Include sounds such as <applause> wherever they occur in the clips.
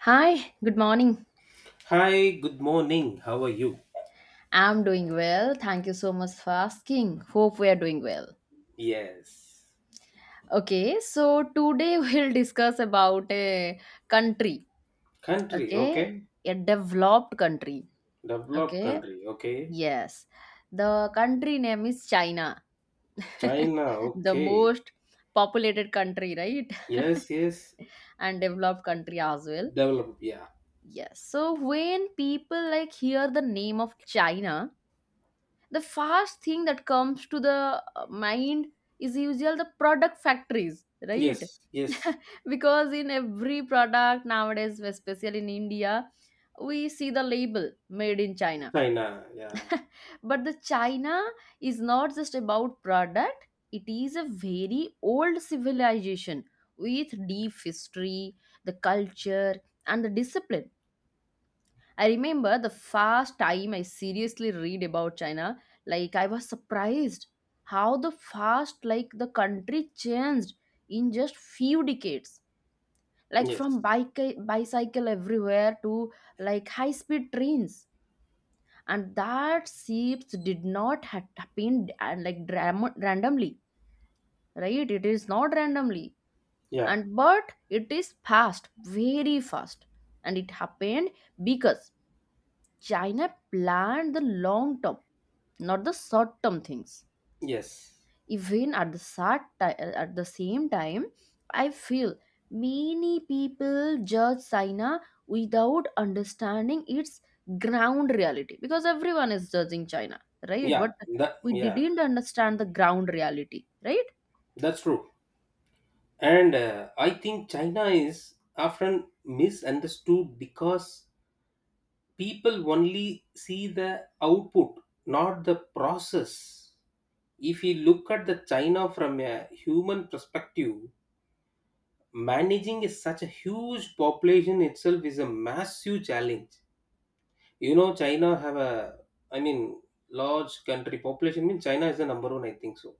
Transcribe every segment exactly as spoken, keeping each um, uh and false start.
Hi, good morning. Hi, good morning. How are you? I'm doing well. Thank you so much for asking. Hope we are doing well. Yes. Okay, so today <laughs> we'll discuss about a country, Country, okay? okay. A developed country, Developed okay? country, okay. Yes. The country name is China. <laughs> China, The okay. most populated country, right? <laughs> Yes, yes. And developed country as well. Developed, yeah. Yes. So when people like hear the name of China, the first thing that comes to the uh, mind is usually the product factories, right? Yes, <laughs> yes. Because in every product nowadays, especially in India, we see the label made in China. China, yeah. <laughs> But the China is not just about product. It is a very old civilization with deep history, the culture, and the discipline. I remember the first time I seriously read about China, like I was surprised how the fast like the country changed in just few decades. Like from Yes, bike bicycle everywhere to like high speed trains. And that shifts did not ha- happen and like dram- randomly, right? It is not randomly. yeah. And but it is fast, very fast. And it happened because China planned the long term, not the short term things. Yes, Even at the sad ti- at the same time, I feel many people judge China without understanding its ground reality, because everyone is judging China, right? But yeah. That, we yeah. didn't understand the ground reality, right? That's true. And uh, I think China is often misunderstood because people only see the output, not the process. If you look at the China from a human perspective, managing is such a huge population itself is a massive challenge. You know China have a, i mean large country population means China is the number one, I think so.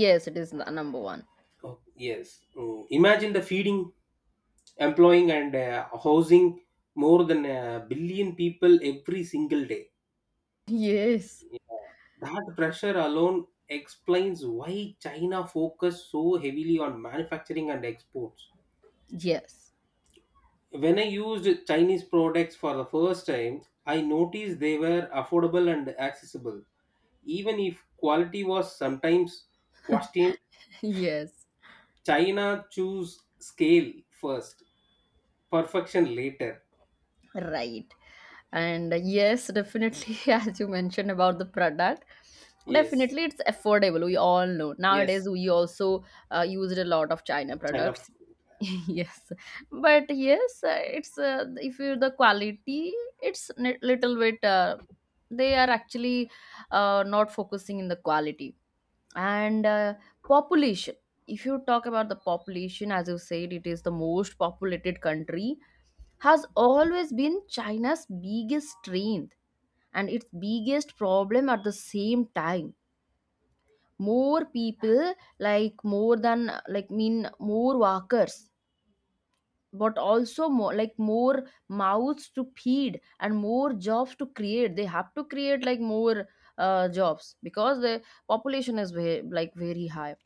Yes, it is n- number one. Oh, yes. Mm. Imagine the feeding, employing, and uh, housing more than a billion people every single day. Yes, Yeah. That pressure alone explains why China focus so heavily on manufacturing and exports. yes, When I used Chinese products for the first time, I noticed they were affordable and accessible. Even if quality was sometimes questioned, <laughs> yes. China choose scale first, perfection later. Right. And uh, yes, definitely, <laughs> as you mentioned about the product, Yes, definitely it's affordable. We all know. Nowadays, yes, we also uh, used a lot of China China. products. F- <laughs> yes. But yes, uh, it's uh, if you the quality, it's ni- little bit, uh, they are actually uh, not focusing in the quality. And uh, population, if you talk about the population, as you said, it is the most populated country, has always been China's biggest strength and its biggest problem at the same time. More people, like more than like mean more workers, but also more like more mouths to feed and more jobs to create. They have to create like more uh, jobs because the population is ve- like very high.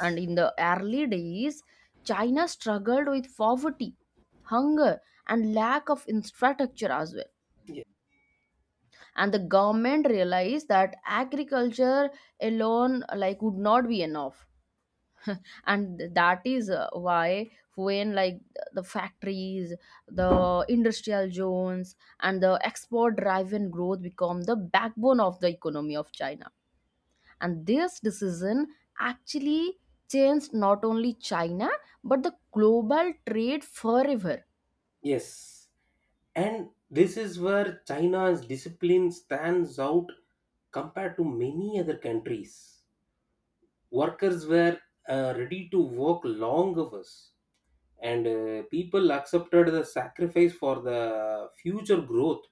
And in the early days, China struggled with poverty, hunger, and lack of infrastructure as well, Ye- and the government realized that agriculture alone like would not be enough, and that is uh, why, when like the factories, the industrial zones, and the export driven growth become the backbone of the economy of China. And this decision actually changed not only China but the global trade forever. yes. And this is where China's discipline stands out compared to many other countries. Workers were uh, ready to work long hours, and uh, people accepted the sacrifice for the future growth.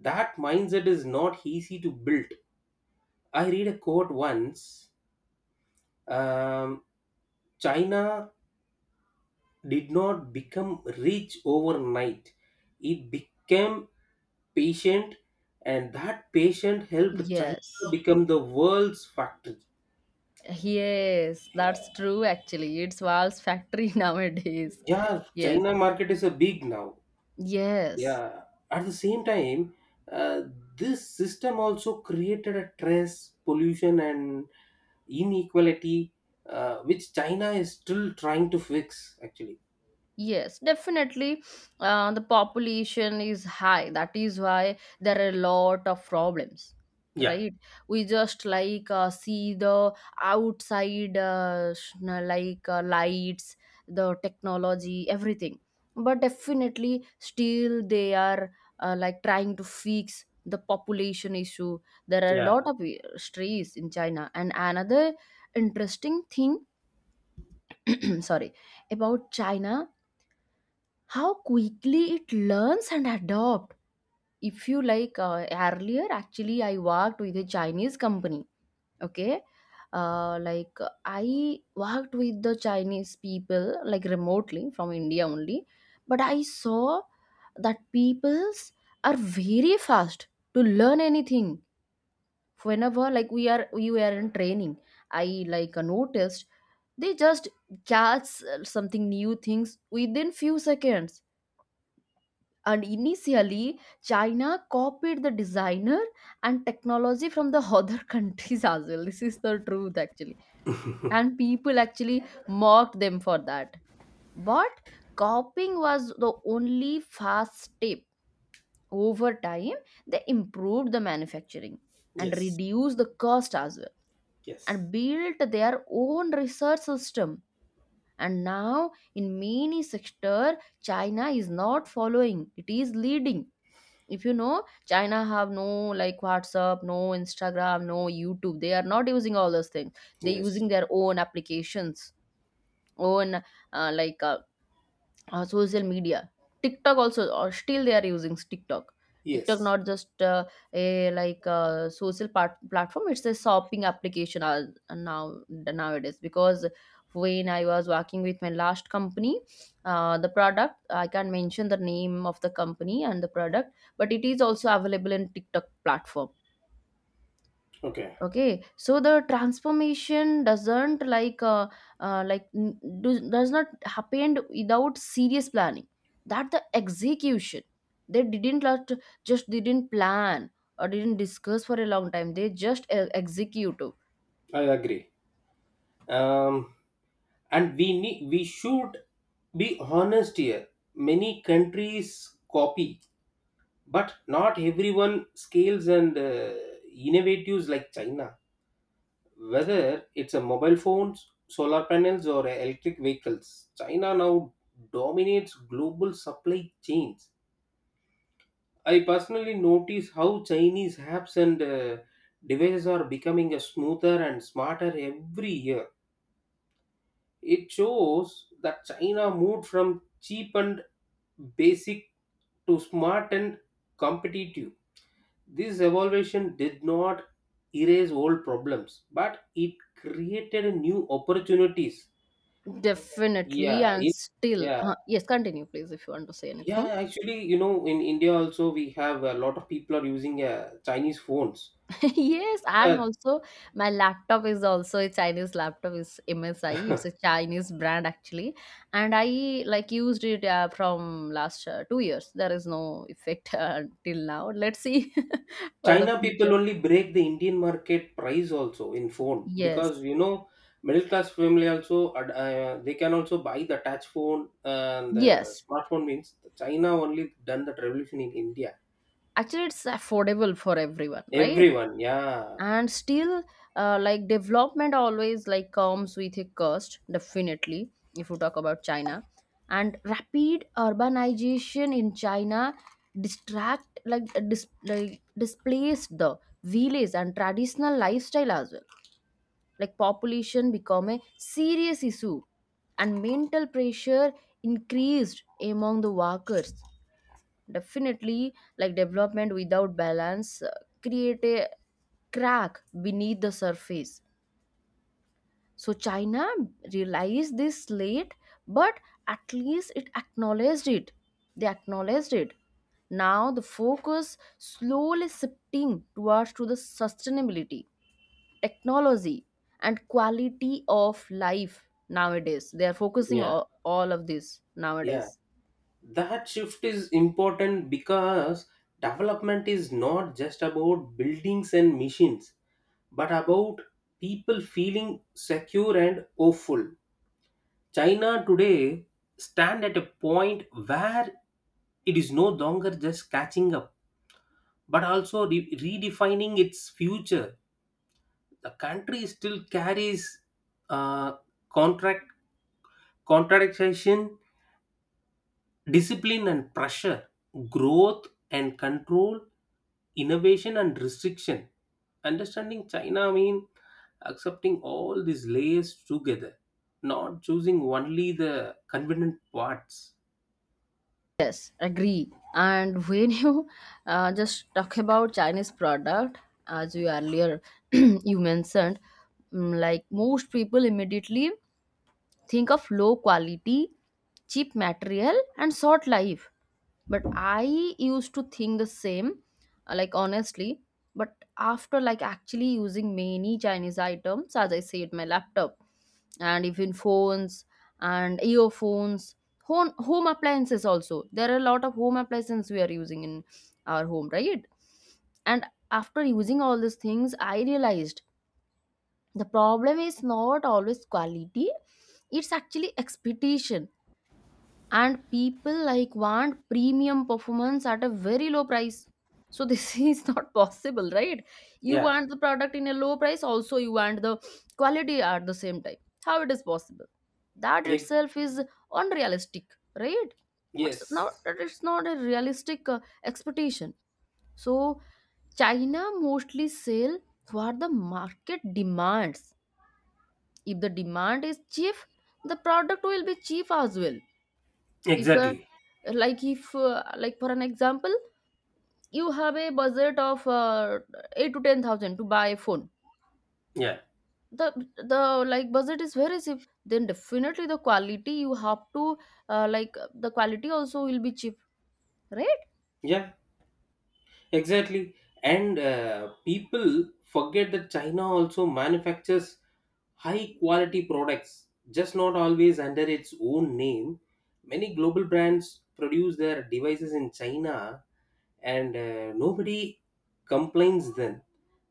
That mindset is not easy to build. I read a quote once. um, China did not become rich overnight. It became patient, and that patient helped China Yes. become the world's factory. Yes, Yeah, that's true actually. It's Valve's factory <laughs> nowadays. yeah, Yes. China market is a big now. Yes. Yeah. At the same time, uh, this system also created a stress pollution and inequality, uh, which China is still trying to fix actually. Yes, definitely. Uh, the population is high. That is why there are a lot of problems, Yeah, right? We just like uh, see the outside, uh, sh- na- like uh, lights, the technology, everything. But definitely, still they are uh, like trying to fix the population issue. There are a yeah. lot of uh, stress in China. And another interesting thing, <clears throat> sorry, about China, how quickly it learns and adopt. If you like uh, earlier, actually I worked with a Chinese company. Okay. Uh, like I worked with the Chinese people like remotely from India only. But I saw that peoples are very fast to learn anything. Whenever like we are we were in training, I like uh, noticed they just catch uh, something new things within few seconds. And initially, China copied the designer and technology from the other <laughs> countries as well. This is the truth actually. And people actually mocked them for that. But copying was the only fast step. Over time, they improved the manufacturing and Yes, reduced the cost as well, yes. and built their own research system. And now in many sector, China is not following, it is leading. If you know, China have no like WhatsApp, no Instagram, no YouTube. They are not using all those things. They Yes, using their own applications, own uh, like uh, uh, social media. TikTok also, or still they are using TikTok. TikTok yes. not just uh, a like uh, social part- platform. It's a shopping application as now nowadays, because when I was working with my last company, uh, the product, I can't mention the name of the company and the product, but it is also available in TikTok platform. Okay. Okay. So the transformation doesn't like uh, uh, like n- do, does not happen without serious planning, that the execution. They didn't lot- just didn't plan or didn't discuss for a long time. They just uh, execute. I agree. um and we need we should be honest here. Many countries copy, but not everyone scales and uh, innovatives like China. Whether it's a mobile phones, solar panels, or electric vehicles, China now dominates global supply chains. I personally notice how Chinese apps and uh, devices are becoming a smoother and smarter every year. It shows that China moved from cheap and basic to smart and competitive. This evolution did not erase old problems, but it created new opportunities. Definitely. Yeah, And it, still yeah, uh, yes, continue please if you want to say yeah. anything. Actually, you know, in India also we have a lot of people are using uh, Chinese phones. <laughs> Yes, I'm Yeah. also. My laptop is also a Chinese laptop. It's M S I. It's a <laughs> Chinese brand actually, and I like used it uh, from last uh, two years. There is no effect <laughs> uh, till now. Let's see <laughs> for the China people future. only break the Indian market price also in phone, because Yes, you know middle class family also ad- uh, they can also buy the touch phone and uh, yes. smartphone means China only done that revolution in India. Actually, it's affordable for everyone, right? Everyone, yeah, And still uh, like development always like comes with a cost, definitely. If you talk about China and rapid urbanization in China, distract like uh, dis- like displaced the village and traditional lifestyle as well. Like population become a serious issue, and mental pressure increased among the workers. Definitely, like development without balance uh, create a crack beneath the surface. So China realized this late, but at least it acknowledged it. They acknowledged it. Now the focus slowly shifting towards to the sustainability, technology, and quality of life nowadays. They are focusing yeah, all, all of this yeah. nowadays. That shift is important because development is not just about buildings and machines but about people feeling secure and hopeful. China today stand at a point where it is no longer just catching up but also re- redefining its future. The country still carries uh, contract contradiction, discipline and pressure, growth and control, innovation and restriction. Understanding China mean accepting all these layers together, not choosing only the convenient parts. Yes, agree. And when <laughs> you uh, just talk about Chinese product, as you earlier <clears throat> you mentioned, mm, like most people immediately think of low quality, cheap material, and short life. But I used to think the same, uh, like honestly. But after like actually using many Chinese items, as I said, my laptop and even phones and earphones, home, home appliances also. There are a lot of home appliances we are using in our home, right? And after using all these things, I realized the problem is not always quality, it's actually expectation. And people like want premium performance at a very low price, so this <laughs> is not possible, right? You Yeah. want the product in a low price, also you want the quality at the same time. How it is possible? That Ex- itself is unrealistic, right? it's not yes. it's not a realistic uh, expectation. So China mostly sell what the market demands. If the demand is cheap, the product will be cheap as well. if uh, Exactly. like if uh, like for an example, you have a budget of uh, eight to ten thousand to buy a phone, Yeah. the the like budget is very cheap. Then definitely the quality you have to uh, like, the quality also will be cheap, right? Yeah. Exactly. And uh, people forget that China also manufactures high quality products, just not always under its own name. Many global brands produce their devices in China and uh, nobody complains then.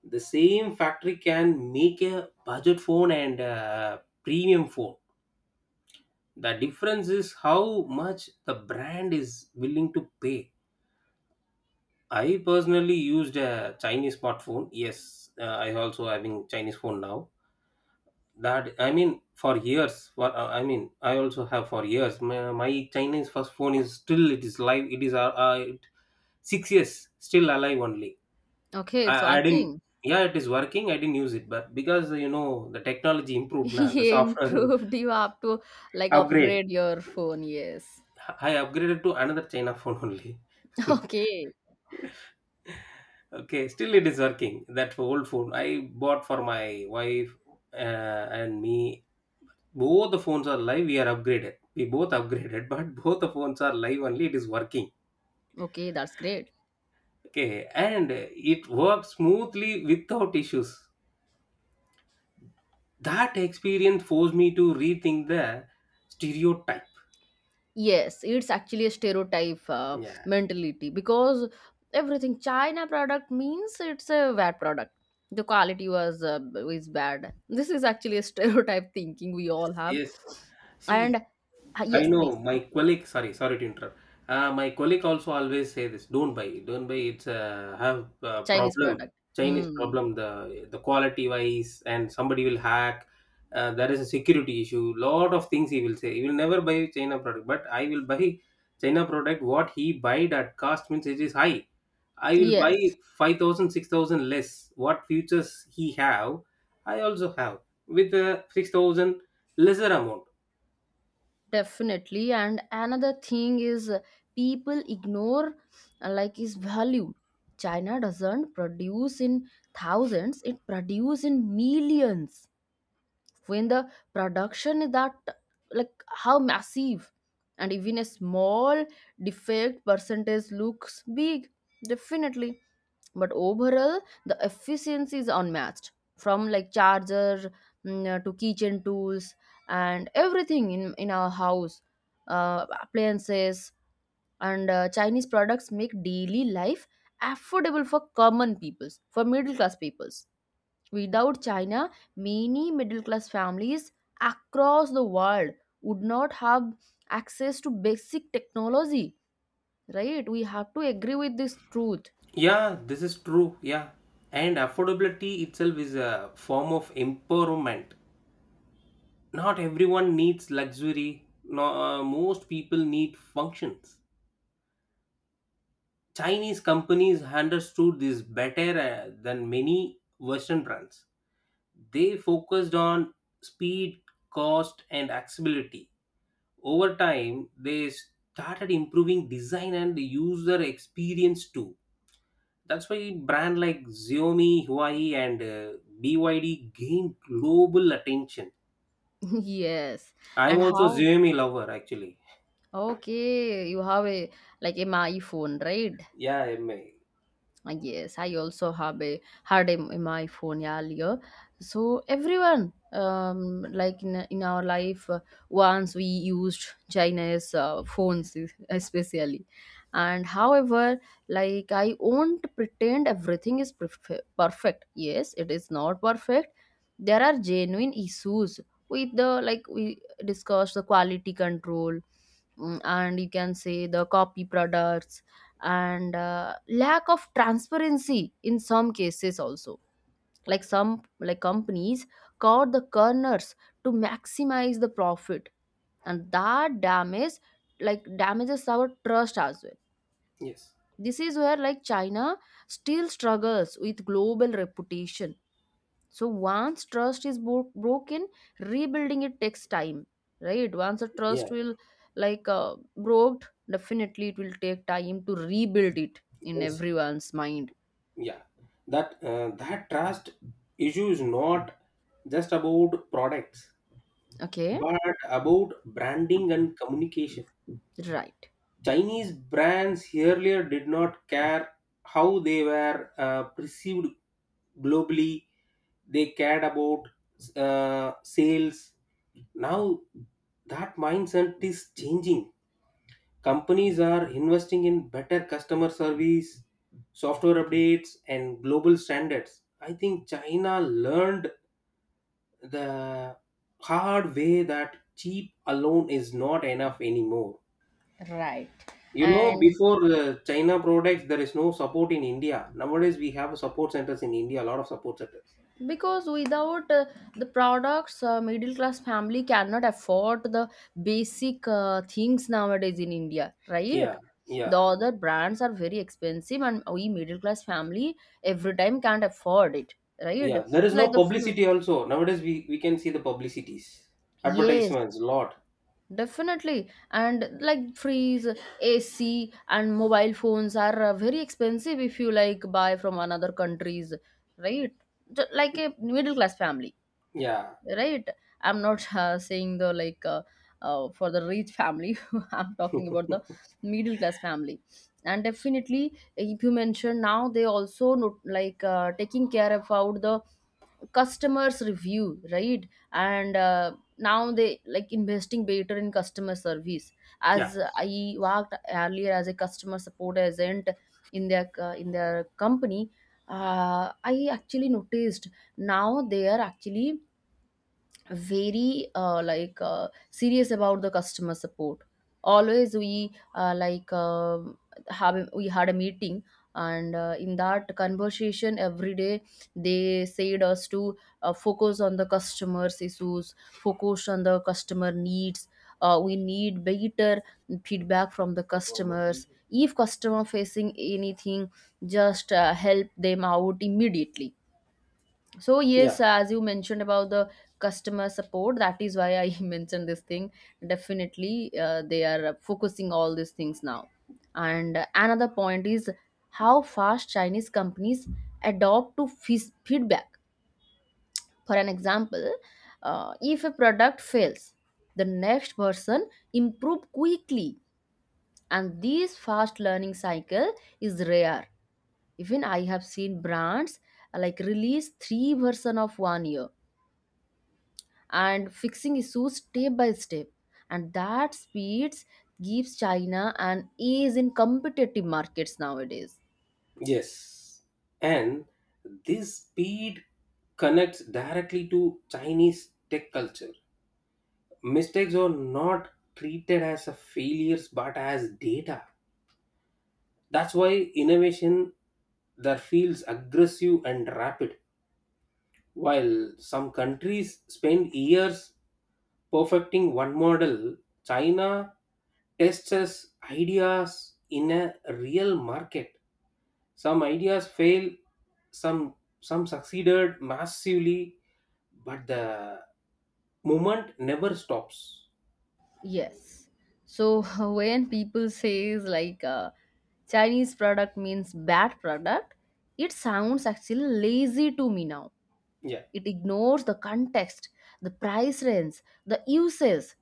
The same factory can make a budget phone and a premium phone. The difference is how much the brand is willing to pay. I personally used a Chinese smartphone. Yes, uh, I also having Chinese phone now. That, i mean for years. For uh, i mean I also have for years. My, my Chinese first phone is still, it is live, it is uh, uh, it- six years still alive only. Okay, it's I, I didn't. working. Yeah, it is working. I didn't use it, but because you know, the technology <laughs> improved now, the Yeah, software improved. You have to <laughs> like upgrade. upgrade your phone. Yes. I upgraded to another China phone only. <laughs> Okay. <laughs> Okay, still it is working. That old phone I bought for my wife uh, and me. Both the phones are live. We are upgraded. We both upgraded, <laughs> but both the phones are live only. It is working. Okay, that's great. Okay, and it worked smoothly without issues. That experience forced me to rethink the stereotype. Yes, it's actually a stereotype uh, Yes, mentality, because everything China product means it's a bad product. The quality was uh, is bad. This is actually a stereotype <laughs> thinking we all have. yes. See, And uh, I yes, know please. my And colleague. Sorry, sorry to interrupt. Uh, my colleague also always say this: don't buy, don't buy. It's a Have a Chinese problem, product. Chinese Hmm. problem. The the quality wise, and somebody will hack. Uh, there is a security issue. Lot of things he will say. He will never buy China product, but I will buy China product. What he buyed at cost means it is high. I will buy Yes, five thousand, six thousand less. What futures he have, I also have with a six thousand lesser amount. definitely. And another thing is uh, people ignore uh, like is value. China doesn't produce in thousands; it produce in millions. When the production is that, like how massive, and even a small defect percentage looks big, definitely. But overall the efficiency is unmatched, from like charger mm, uh, to kitchen tools and everything in in our house, uh, appliances. And uh, Chinese products make daily life affordable for common peoples, for middle class peoples. Without China, many middle class families across the world would not have access to basic technology, right? We have to agree with this truth. Yeah, this is true. Yeah. And affordability itself is a form of empowerment. Not everyone needs luxury, no, uh, most people need functions. Chinese companies understood this better uh, than many Western brands. They focused on speed, cost, and accessibility. Over time, they started improving design and user experience too. That's why brand like Xiaomi, Huawei, and uh, B Y D gained global attention. <laughs> Yes. I'm And also how? Xiaomi lover actually. Okay, you have a like a my phone, right? Yeah, I'm, uh, Uh, Yes, I also have a had a, m- my phone earlier. So everyone, um, like in in our life, uh, once we used China's uh, phones, es- especially, and however, like I won't pretend everything is perf- perfect. Yes, it is not perfect. There are genuine issues with the, like we discussed, the quality control. Mm, and you can say the copy products, and uh, lack of transparency in some cases also, like some like companies cut the corners to maximize the profit, and that damage like damages our trust as well. yes, This is where like China still struggles with global reputation. So once trust is bro- broken, rebuilding it takes time, right? Once a yeah, trust will like uh, broke, definitely it will take time to rebuild it in yes, everyone's mind. yeah. That uh, that trust issue is not just about products, Okay, but about branding and communication. right. Chinese brands earlier did not care how they were uh, perceived globally, they cared about uh, sales. Now that mindset is changing. Companies are investing in better customer service, software updates, and global standards. I think China learned the hard way that cheap alone is not enough anymore. Right. You know, And before uh, China products, there is no support in India. Nowadays, we have support centers in India, a lot of support centers. because without uh, the products, uh, middle class family cannot afford the basic uh, things nowadays in india, right? Yeah, The yeah, other brands are very expensive and we middle class family every time can't afford it, right? yeah. There is no Like the food. publicity also. Nowadays, we, we can see the publicities, Yes, advertisements, lot. definitely. And like freeze, ac and mobile phones are uh, very expensive if you like buy from another countries, right? Ju- like a middle class family, Yeah, right? I'm not uh, saying the like uh, uh, for the rich family. <laughs> I'm talking about the middle class family. And definitely if you mention, now they also not, like uh, taking care about the customers review, right? And uh, now they like investing better in customer service. yeah, As I worked earlier as a customer support agent in their uh, in their company, uh, I actually noticed now they are actually very, uh, like uh, serious about the customer support. Always we uh, like um have a- we had a meeting, and uh, in that conversation every day they said us to uh, focus on the customers issues, focus on the customer needs. Uh, we need better feedback from the customers. If customer facing anything, just uh, help them out immediately. So yes, yeah, as you mentioned about the customer support, that is why I <laughs> mentioned this thing. Definitely, uh, they are focusing all these things now. And another point is how fast Chinese companies adopt to fees- feedback. For an example, uh, if a product fails, the next person improve quickly, and this fast learning cycle is rare. Even I have seen brands uh, like release three version of one year and fixing issues step by step, and that speed gives china an ease in competitive markets nowadays. yes. And this speed connects directly to Chinese tech culture. Mistakes are not treated as a failures but as data. That's why innovation there feels aggressive and rapid. While some countries spend years perfecting one model, China tests its ideas in a real market. Some ideas fail, some some succeeded massively, but the movement never stops. Yes. So <laughs> when people says like uh, chinese product means bad product, it sounds actually lazy to me now. Yeah. It ignores the context, the price range, the uses.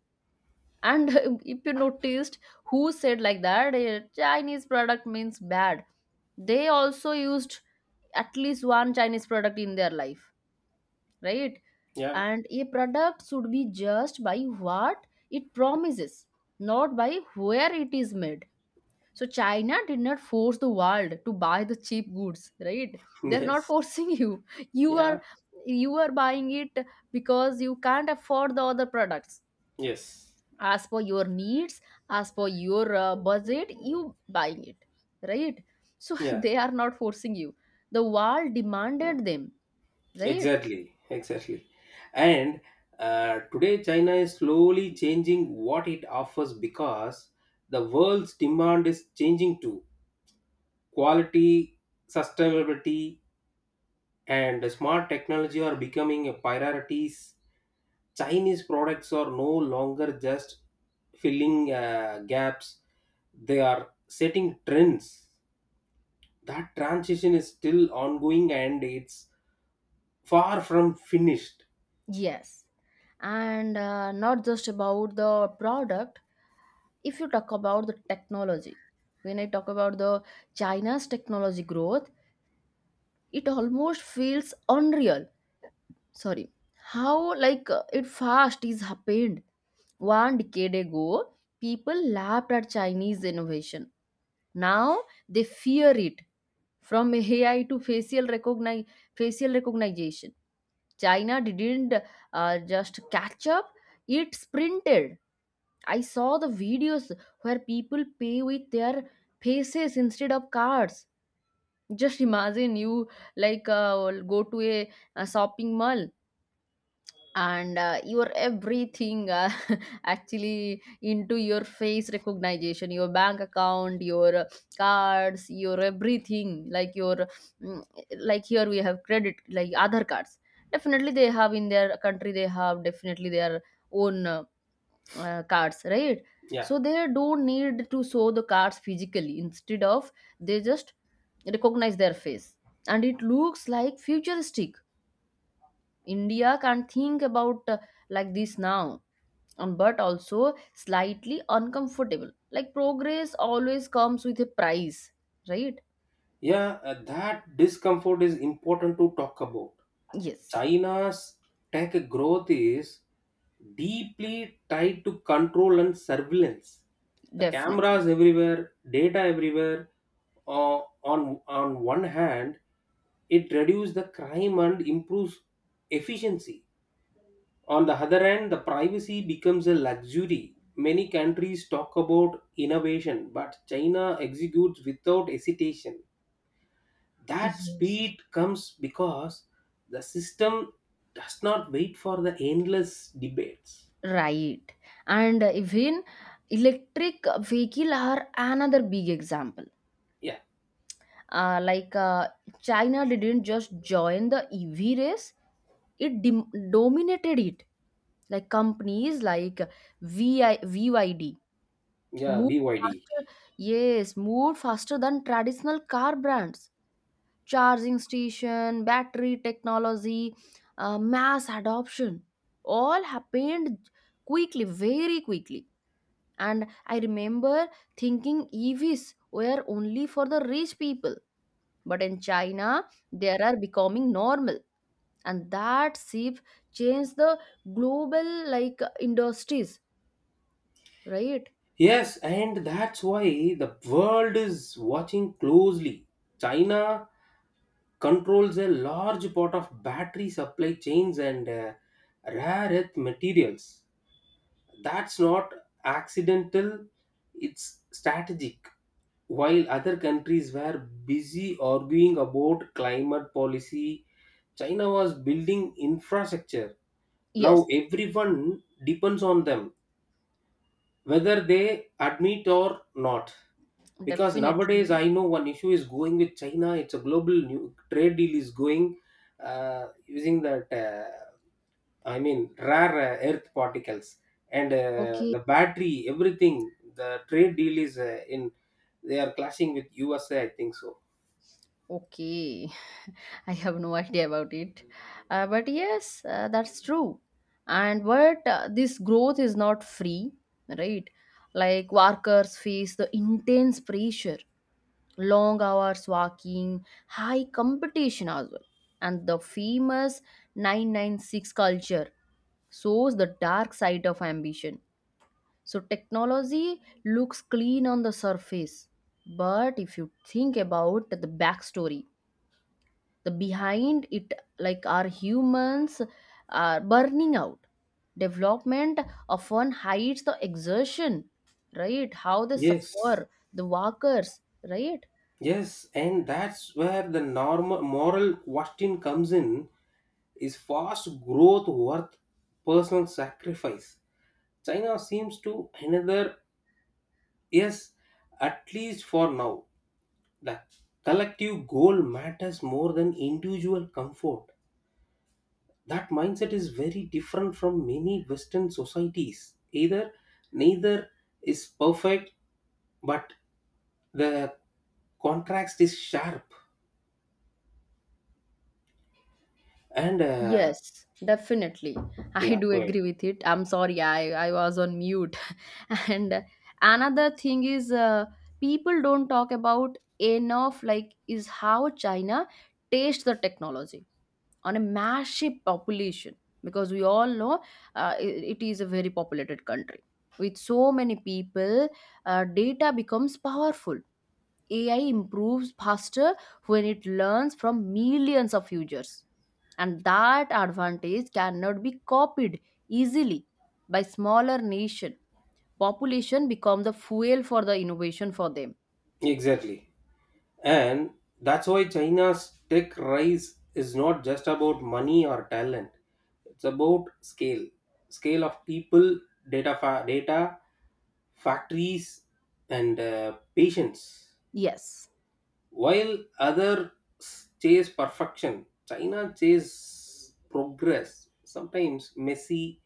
And <laughs> if you noticed who said like that, eh, chinese product means bad, they also used at least one chinese product in their life, right? Yeah. <laughs> And a product should be judged by what it promises, not by where it is made. So china did not force the world to buy the cheap goods, right? They're not Yes. forcing you. <laughs> You Yeah. are, you are buying it because you can't afford the other products, Yes. as per your needs, as per your uh, budget you buying it, right? So <laughs> Yeah. they are not forcing you, the world demanded them, right? Exactly, exactly. And uh, today, China is slowly changing what it offers because the world's demand is changing too. Quality, sustainability, and smart technology are becoming a priorities. Chinese products are no longer just filling uh, gaps, they are setting trends. That transition is still ongoing and it's far from finished. Yes. And uh, not just about the product, if you talk about the technology, when I talk about the china's technology growth, it almost feels unreal. Sorry. How like uh, it fast is happened. One decade ago people laughed at chinese innovation, now they fear it. From ai to facial recognize facial recognition, china didn't uh, just catch up, it sprinted. I saw the videos where people pay with their faces instead of cards. Just imagine you like uh, go to a, a shopping mall, and uh, your everything uh, actually into your face recognition, your bank account, your uh, cards, your everything, like your mm, like here we have credit like other cards. Definitely they have in their country, they have definitely their own, uh, uh, cards, right? Yeah. So they don't need to show the cards physically, instead of they just recognize their face. And it looks like futuristic. India can't think about uh, like this now. Um, but also slightly uncomfortable. Like progress always comes with a price, right? Yeah, uh, that discomfort is important to talk about. Yes, China's tech growth is deeply tied to control and surveillance. The definitely. cameras everywhere, data everywhere. Uh, on on one hand, it reduces the crime and improves efficiency. On the other hand, the privacy becomes a luxury. Many countries talk about innovation, but China executes without hesitation. That Yes. speed comes because the system does not wait for the endless debates. Right. And uh, even electric vehicle are another big example. Yeah, Uh, like uh, China didn't just join the E V race, it dim- dominated it. Like companies like V I V Y D V Y D yeah, moved B Y D. faster, yes, moved faster than traditional car brands. Charging station, battery technology, uh, mass adoption, all happened quickly, very quickly. And I remember thinking E Vs were only for the rich people, but in China, they are becoming normal, and that shift changed the global like industries, right? Yes, and that's why the world is watching closely. China controls a large part of battery supply chains and uh, rare earth materials. That's not accidental, it's strategic. While other countries were busy arguing about climate policy, China was building infrastructure. Now Yes, everyone depends on them, whether they admit or not. Because nowadays, definitely. I know one issue is going with China. It's a global new trade deal is going uh, using that. Uh, I mean, rare uh, earth particles and uh, Okay. the battery, everything. The trade deal is uh, in. They are clashing with U S A, I think so. Okay, <laughs> I have no idea about it. Uh, but yes, uh, that's true. And but uh, this growth is not free, right? Like workers face the intense pressure, long hours working, high competition as well. And the famous nine nine six culture shows the dark side of ambition. So technology looks clean on the surface, but if you think about the backstory, the behind it, like our humans are burning out, development often hides the exertion, right? How they Yes. suffer the workers, right? Yes, and that's where the normal moral question comes in. Is fast growth worth personal sacrifice? China seems to another, yes, at least for now. The collective goal matters more than individual comfort. That mindset is very different from many Western societies. Either Neither is perfect, but the contrast is sharp. And uh, Yes, definitely. <laughs> I yeah, do go ahead. agree with it. I'm sorry, i i was on mute. <laughs> And another thing is, uh, people don't talk about enough like is how china tastes the technology on a massive population. Because we all know, uh, i- it is a very populated country with so many people. Uh, data becomes powerful, ai improves faster when it learns from millions of users, and that advantage cannot be copied easily by smaller nation. Population become the fuel for the innovation for them. Exactly. And that's why China's tech rise is not just about money or talent. It's about scale, scale of people, data, fa- data, factories, and uh, patience. Yes. While others chase perfection, China chase progress. Sometimes messy,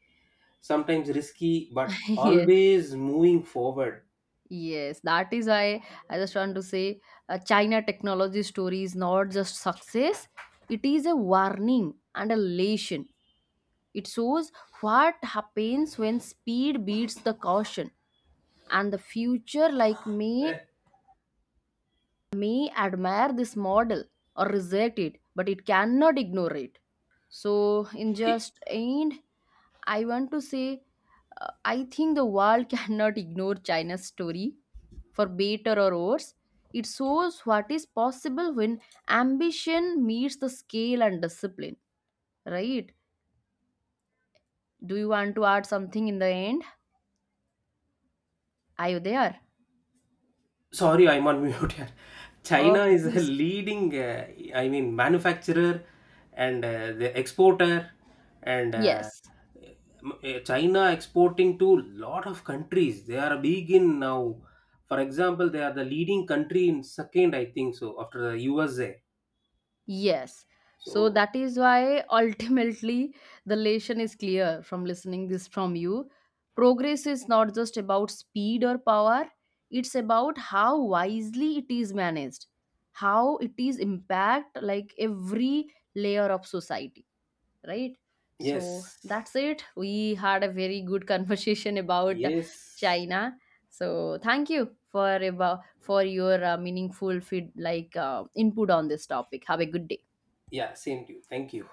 sometimes risky, but <laughs> Yes. always moving forward. Yes, that is why I just want to say, uh, China technology story is not just success, it is a warning and a lesson. It shows what happens when speed beats the caution, and the future like may may admire this model or reject it, but it cannot ignore it. So, in just end, I want to say, uh, I think the world <laughs> cannot ignore China's story, for better or worse. It shows what is possible when ambition meets the scale and discipline, right? Do you want to add something in the end? Are you there? Sorry, I'm on mute here. China Okay, is a please. leading, uh, I mean, manufacturer and uh, the exporter, and uh, Yes. m- uh, China exporting to lot of countries. They are big in now. For example, they are the leading country in second, I think so, after the U S A. Yes. So So that is why <laughs> ultimately the lesson is clear from listening this from you. Progress is not just about speed or power, it's about how wisely it is managed, how it is impact like every layer of society, right? So yes, that's it. We had a very good <laughs> conversation about yes, China. So thank you for about for your uh, meaningful feed like uh, input on this topic. Have a good day. yeah, same to you. Thank you.